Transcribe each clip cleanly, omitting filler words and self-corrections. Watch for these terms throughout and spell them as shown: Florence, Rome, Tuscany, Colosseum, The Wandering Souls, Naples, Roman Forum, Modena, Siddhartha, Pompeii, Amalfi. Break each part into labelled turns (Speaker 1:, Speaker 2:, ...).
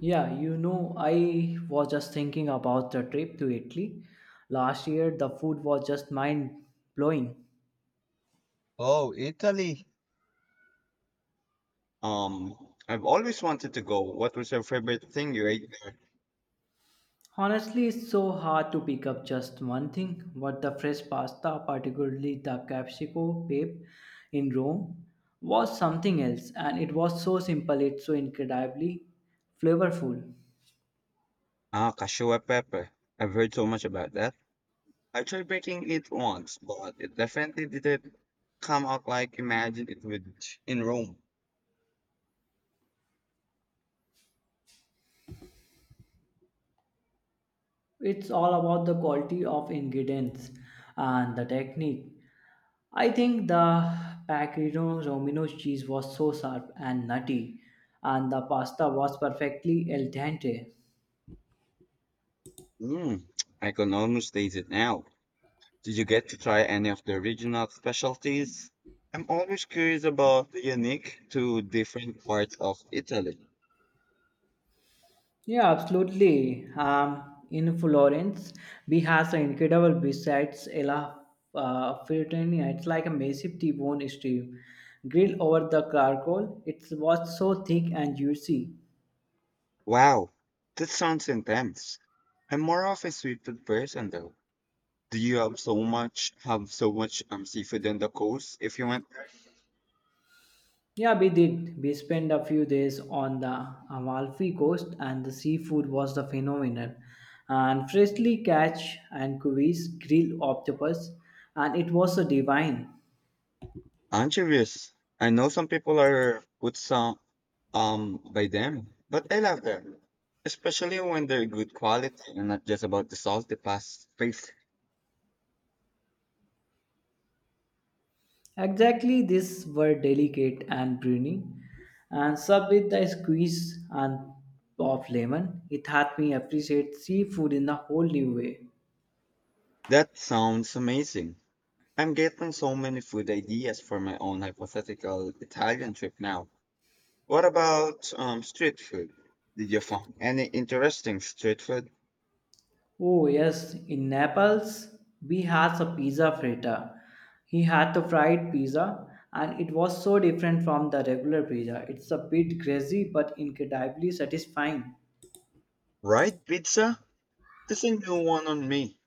Speaker 1: I was just thinking about the trip to Italy last year. The food was just mind blowing.
Speaker 2: Oh, Italy. Um, I've always wanted to go. What was your favorite thing you ate there?
Speaker 1: Honestly, it's so hard to pick up just one thing, but the fresh pasta, particularly the capsicum pepe in Rome, was something else, and it was so simple, it's so incredibly flavorful.
Speaker 2: Ah, cashew pepper. I've heard so much about that. I tried making it once, but it definitely didn't come out like imagined it would in Rome.
Speaker 1: It's all about the quality of ingredients and the technique. I think the pecorino romano cheese was so sharp and nutty, and the pasta was perfectly al dente.
Speaker 2: Mm, I can almost taste it now. Did you get to try any of the original specialties? I'm always curious about the unique to different parts of Italy.
Speaker 1: Yeah, absolutely. In florence we have an incredible besides ella, frittini. It's like a massive t-bone steak grilled over the charcoal. It was so thick and juicy.
Speaker 2: Wow, that sounds intense. I'm more of a sweet tooth person though. Do you have so much seafood in the coast if you want?
Speaker 1: Yeah, we did. We spent a few days on the Amalfi coast, and the seafood was the phenomenon. And freshly catch and cuis, grilled octopus, and it was a divine.
Speaker 2: Anchovies. I know some people are put some by them, but I love them. Especially when they're good quality and not just about the sauce they pass face.
Speaker 1: Exactly, these were delicate and briny, and served with the squeeze and of lemon. It had me appreciate seafood in a whole new way.
Speaker 2: That sounds amazing. I'm getting so many food ideas for my own hypothetical Italian trip now. What about street food? Did you find any interesting street food?
Speaker 1: Oh yes, in Naples we had a pizza fritta. He had the fried pizza, and it was so different from the regular pizza. It's a bit greasy but incredibly satisfying.
Speaker 2: Right, pizza? There's a new one on me.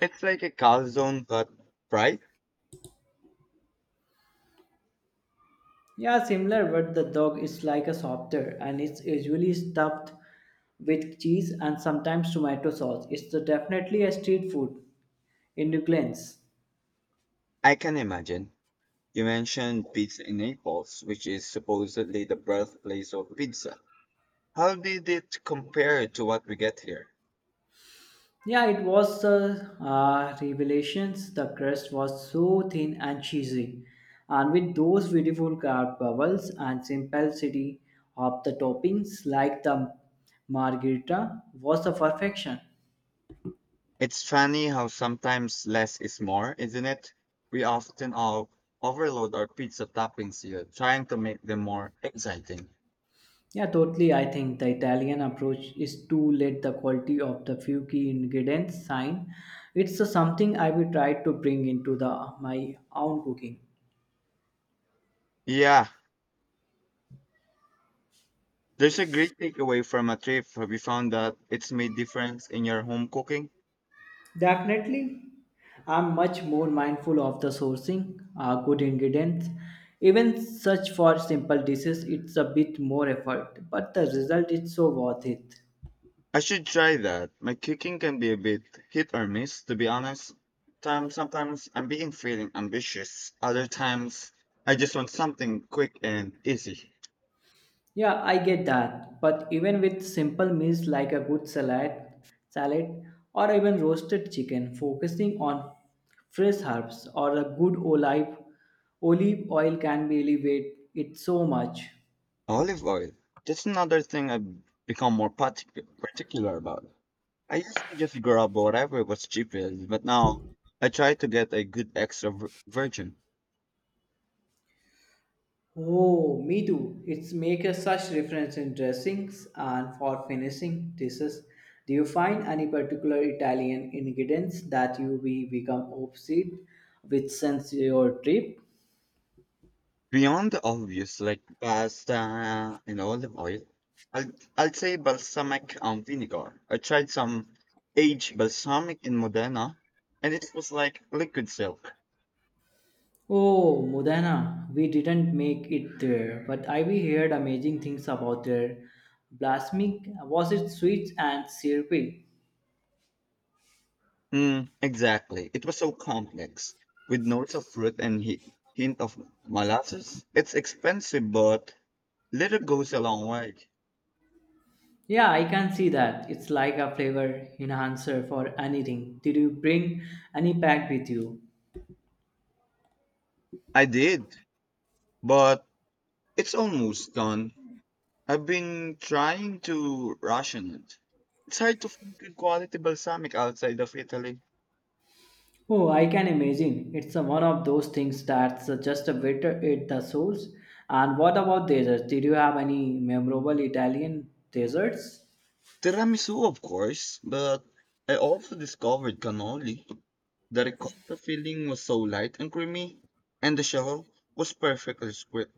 Speaker 2: It's like a calzone, but fried.
Speaker 1: Yeah, similar, but the dog is like a softer and it's usually stuffed with cheese and sometimes tomato sauce. Definitely a street food in New Orleans.
Speaker 2: I can imagine. You mentioned pizza in Naples, which is supposedly the birthplace of pizza. How did it compare to what we get here?
Speaker 1: Yeah, it was the revelations. The crust was so thin and cheesy, and with those beautiful carved bubbles and simplicity of the toppings, like the margherita, was the perfection.
Speaker 2: It's funny how sometimes less is more, isn't it? We often all overload our pizza toppings here, trying to make them more exciting.
Speaker 1: Yeah, totally. I think the Italian approach is to let the quality of the few key ingredients shine. It's something I will try to bring into the my own cooking.
Speaker 2: Yeah, there's a great takeaway from a trip. We found that it's made difference in your home cooking.
Speaker 1: Definitely. I'm much more mindful of the sourcing, good ingredients. Even such for simple dishes, it's a bit more effort, but the result is so worth it.
Speaker 2: I should try that. My cooking can be a bit hit or miss, to be honest. Time, sometimes I'm being feeling ambitious. Other times I just want something quick and easy.
Speaker 1: Yeah, I get that. But even with simple meals like a good salad or even roasted chicken, focusing on fresh herbs or a good olive oil can be elevate it so much.
Speaker 2: Olive oil. That's another thing I've become more particular about. I used to just grab whatever was cheapest, but now I try to get a good virgin.
Speaker 1: Oh, me too. It's make a such difference in dressings and for finishing dishes. Do you find any particular Italian ingredients that you be become obsessed with since your trip?
Speaker 2: Beyond the obvious, like pasta and olive oil, I'll, I'll say balsamic vinegar. I tried some aged balsamic in Modena, and it was like liquid silk.
Speaker 1: Oh, Modena. We didn't make it there, but I we heard amazing things about their balsamic. Was it sweet and syrupy?
Speaker 2: Mm, exactly. It was so complex, with notes of fruit and hint of molasses. It's expensive, but little goes a long way.
Speaker 1: Yeah, I can see that. It's like a flavor enhancer for anything. Did you bring any pack with you?
Speaker 2: I did, but it's almost done. I've been trying to ration it. It's hard to find good quality balsamic outside of Italy.
Speaker 1: Oh, I can imagine. It's a, one of those things that's just a bit at the source. And what about desserts? Did you have any memorable Italian desserts?
Speaker 2: Tiramisu, of course, but I also discovered cannoli. The ricotta filling was so light and creamy, and the shell was perfectly squid.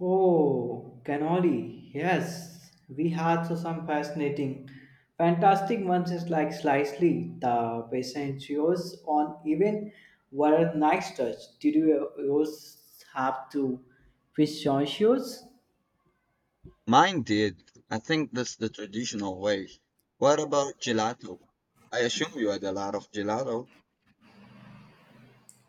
Speaker 1: Oh, cannoli. Yes, we had so some fascinating, fantastic ones is like slightly the pistachios on even were a nice touch. Did you yours have to pistachios?
Speaker 2: Mine did. I think that's the traditional way. What about gelato? I assume you had a lot of gelato.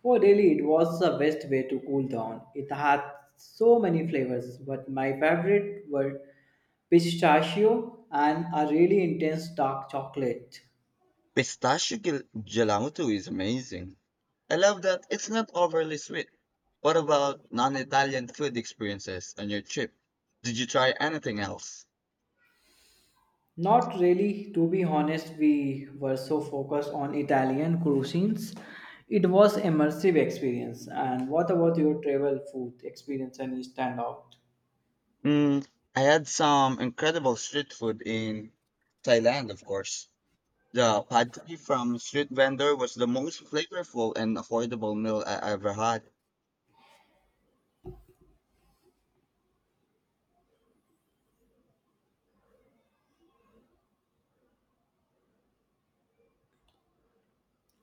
Speaker 1: Oh, really, it was the best way to cool down. It had so many flavors, but my favorite were pistachio and a really intense dark chocolate.
Speaker 2: Gelato is amazing. I love that it's not overly sweet. What about non-Italian food experiences on your trip? Did you try anything else?
Speaker 1: Not really, to be honest, we were so focused on Italian cuisines. It was immersive experience. And what about your travel food experience? Any stand out?
Speaker 2: Mm, I had some incredible street food in Thailand, of course. The pad thai from street vendor was the most flavorful and affordable meal I ever had.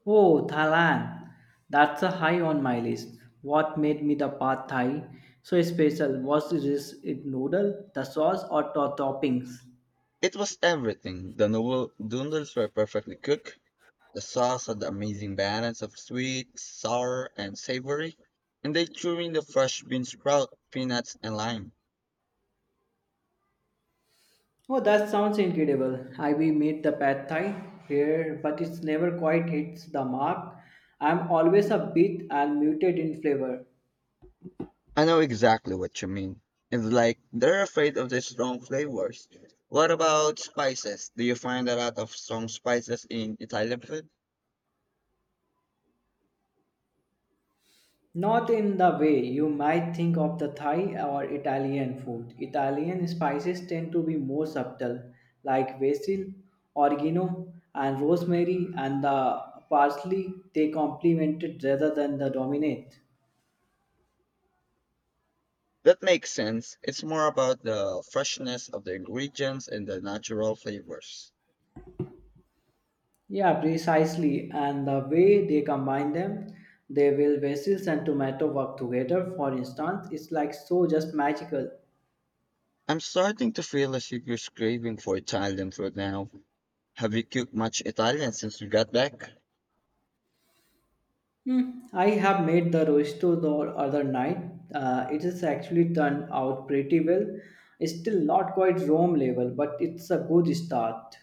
Speaker 1: Oh, Thailand. That's a high on my list. What made me the pad thai so special was this it noodle, the sauce or the toppings.
Speaker 2: It was everything. The noodles were perfectly cooked. The sauce had the amazing balance of sweet, sour, and savory, and they threw in the fresh bean sprout, peanuts, and lime.
Speaker 1: Oh, that sounds incredible. I We made the pad thai here, but it's never quite hits the mark. I'm always a bit and muted in flavor.
Speaker 2: I know exactly what you mean. It's like they're afraid of the strong flavors. What about spices? Do you find a lot of strong spices in Italian food?
Speaker 1: Not in the way you might think of the Thai or Italian food. Italian spices tend to be more subtle, like basil, oregano, and rosemary, and the parsley. They complement it rather than the dominate.
Speaker 2: That makes sense. It's more about the freshness of the ingredients and the natural flavors.
Speaker 1: Yeah, precisely. And the way they combine them, they will basil and tomato work together. For instance, it's like so just magical.
Speaker 2: I'm starting to feel a serious craving for Italian food now. Have you cooked much Italian since you got back?
Speaker 1: I have made the rosto the other night. It has actually turned out pretty well. It's still not quite Rome level, but it's a good start.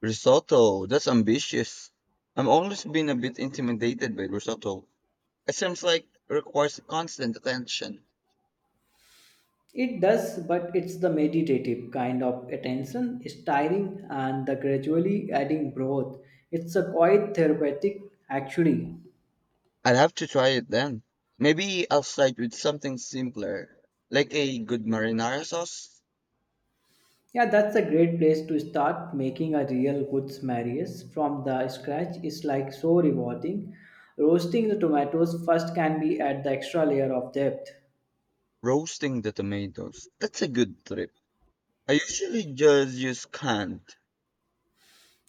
Speaker 2: Risotto, that's ambitious. I've always been a bit intimidated by risotto. It seems like it requires constant attention.
Speaker 1: It does, but it's the meditative kind of attention. It's tiring, and the gradually adding broth. It's a quite therapeutic, actually.
Speaker 2: I'll have to try it then. Maybe I'll start with something simpler, like a good marinara sauce.
Speaker 1: Yeah, that's a great place to start. Making a real good marias from the scratch is like so rewarding. Roasting the tomatoes first can be add the extra layer of depth.
Speaker 2: Roasting the tomatoes. That's a good trip. I usually just use canned.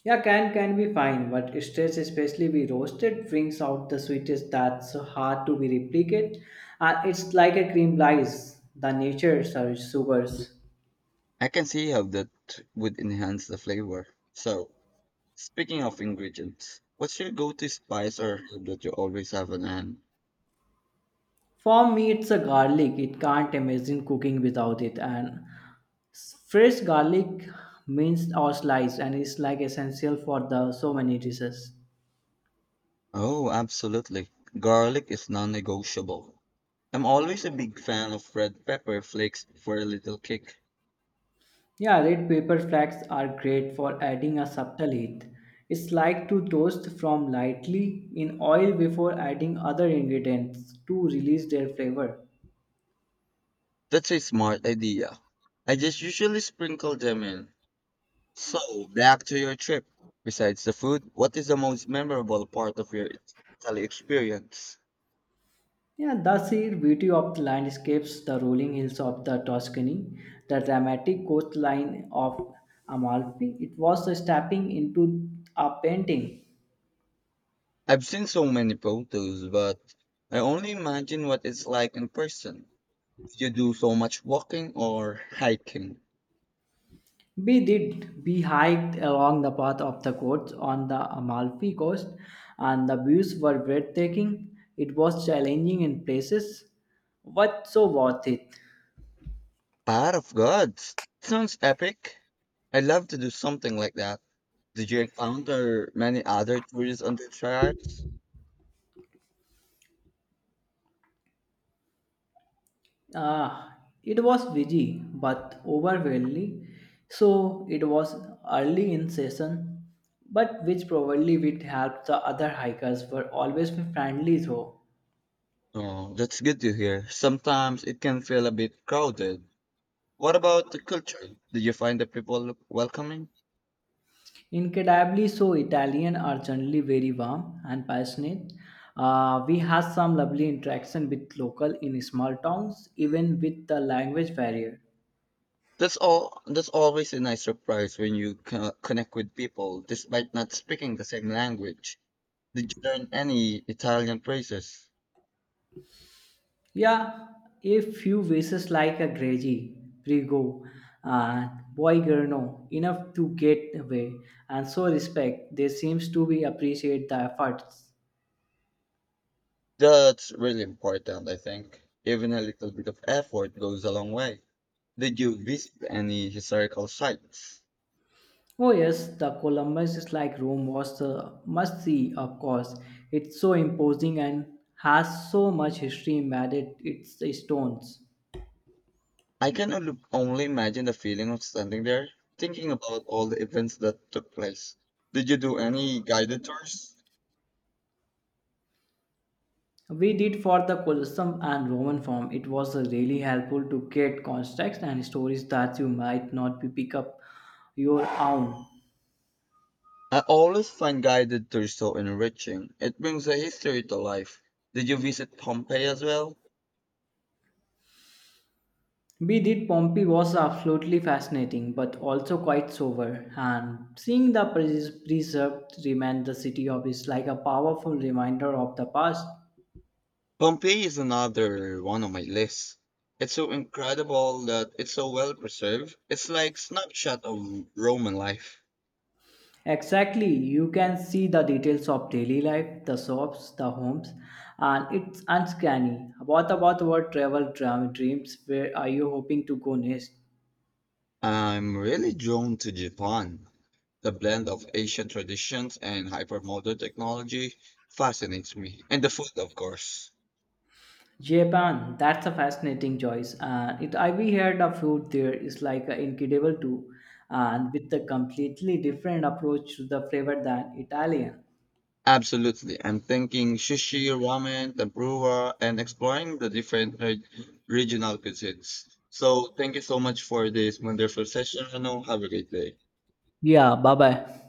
Speaker 1: Yeah, can be fine, but stress especially be roasted brings out the sweetest that's hard to be replicate, and it's like a cream lies the nature sugars.
Speaker 2: I can see how that would enhance the flavor. So, speaking of ingredients, what's your go-to spice or herb that you always have on hand?
Speaker 1: For me, it's a garlic. It can't imagine cooking without it. And fresh garlic minced or sliced and is like essential for the so many dishes.
Speaker 2: Oh, absolutely. Garlic is non-negotiable. I'm always a big fan of red pepper flakes for a little kick.
Speaker 1: Yeah, red pepper flakes are great for adding a subtle heat. It's like to toast from lightly in oil before adding other ingredients to release their flavor.
Speaker 2: That's a smart idea. I just usually sprinkle them in. So, back to your trip. Besides the food, what is the most memorable part of your Italy experience?
Speaker 1: Yeah, that's the sheer beauty of the landscapes, the rolling hills of the Tuscany, the dramatic coastline of Amalfi, it was a stepping into a painting.
Speaker 2: I've seen so many photos, but I only imagine what it's like in person. Did you do so much walking or hiking?
Speaker 1: We did. We hiked along the path of the coast on the Amalfi coast, and the views were breathtaking. It was challenging in places, but so worth it.
Speaker 2: Power of Gods sounds epic. I'd love to do something like that. Did you encounter many other tourists on the track?
Speaker 1: Ah, it was busy but overwhelming, so it was early in session, but which probably would help. The other hikers were always friendly though.
Speaker 2: Oh, that's good to hear. Sometimes it can feel a bit crowded. What about the culture? Did you find the people welcoming?
Speaker 1: Incredibly so. Italian are generally very warm and passionate. We had some lovely interaction with local in small towns, even with the language barrier.
Speaker 2: That's all. That's always a nice surprise when you connect with people, despite not speaking the same language. Did you learn any Italian phrases?
Speaker 1: Yeah, a few vases like a Gregi, Prigo, and Boigerno, enough to get away and so respect. They seems to be appreciate the efforts.
Speaker 2: That's really important, I think. Even a little bit of effort goes a long way. Did you visit any historical sites?
Speaker 1: Oh yes, the Columbus is like Rome was the must see, of course. It's so imposing and has so much history embedded its stones.
Speaker 2: I can only imagine the feeling of standing there, thinking about all the events that took place. Did you do any guided tours?
Speaker 1: We did for the Colosseum and Roman Forum. It was really helpful to get context and stories that you might not be pick up your own.
Speaker 2: I always find guided tours so enriching. It brings the history to life. Did you visit Pompeii as well?
Speaker 1: We did. Pompey was absolutely fascinating, but also quite sober. And seeing the preserved remain the city of is like a powerful reminder of the past.
Speaker 2: Pompeii is another one on my list. It's so incredible that it's so well preserved. It's like snapshot of Roman life.
Speaker 1: Exactly, you can see the details of daily life, the shops, the homes, and it's uncanny. What about your travel dreams? Where are you hoping to go next?
Speaker 2: I'm really drawn to Japan. The blend of ancient traditions and hypermodern technology fascinates me. And the food, of course.
Speaker 1: Japan, that's a fascinating choice. And it I we heard the food there is like incredible too, and with a completely different approach to the flavor than Italian.
Speaker 2: Absolutely. I'm thinking sushi, ramen, tempura, and exploring the different regional cuisines. So thank you so much for this wonderful session. Have a great day.
Speaker 1: Yeah, bye bye.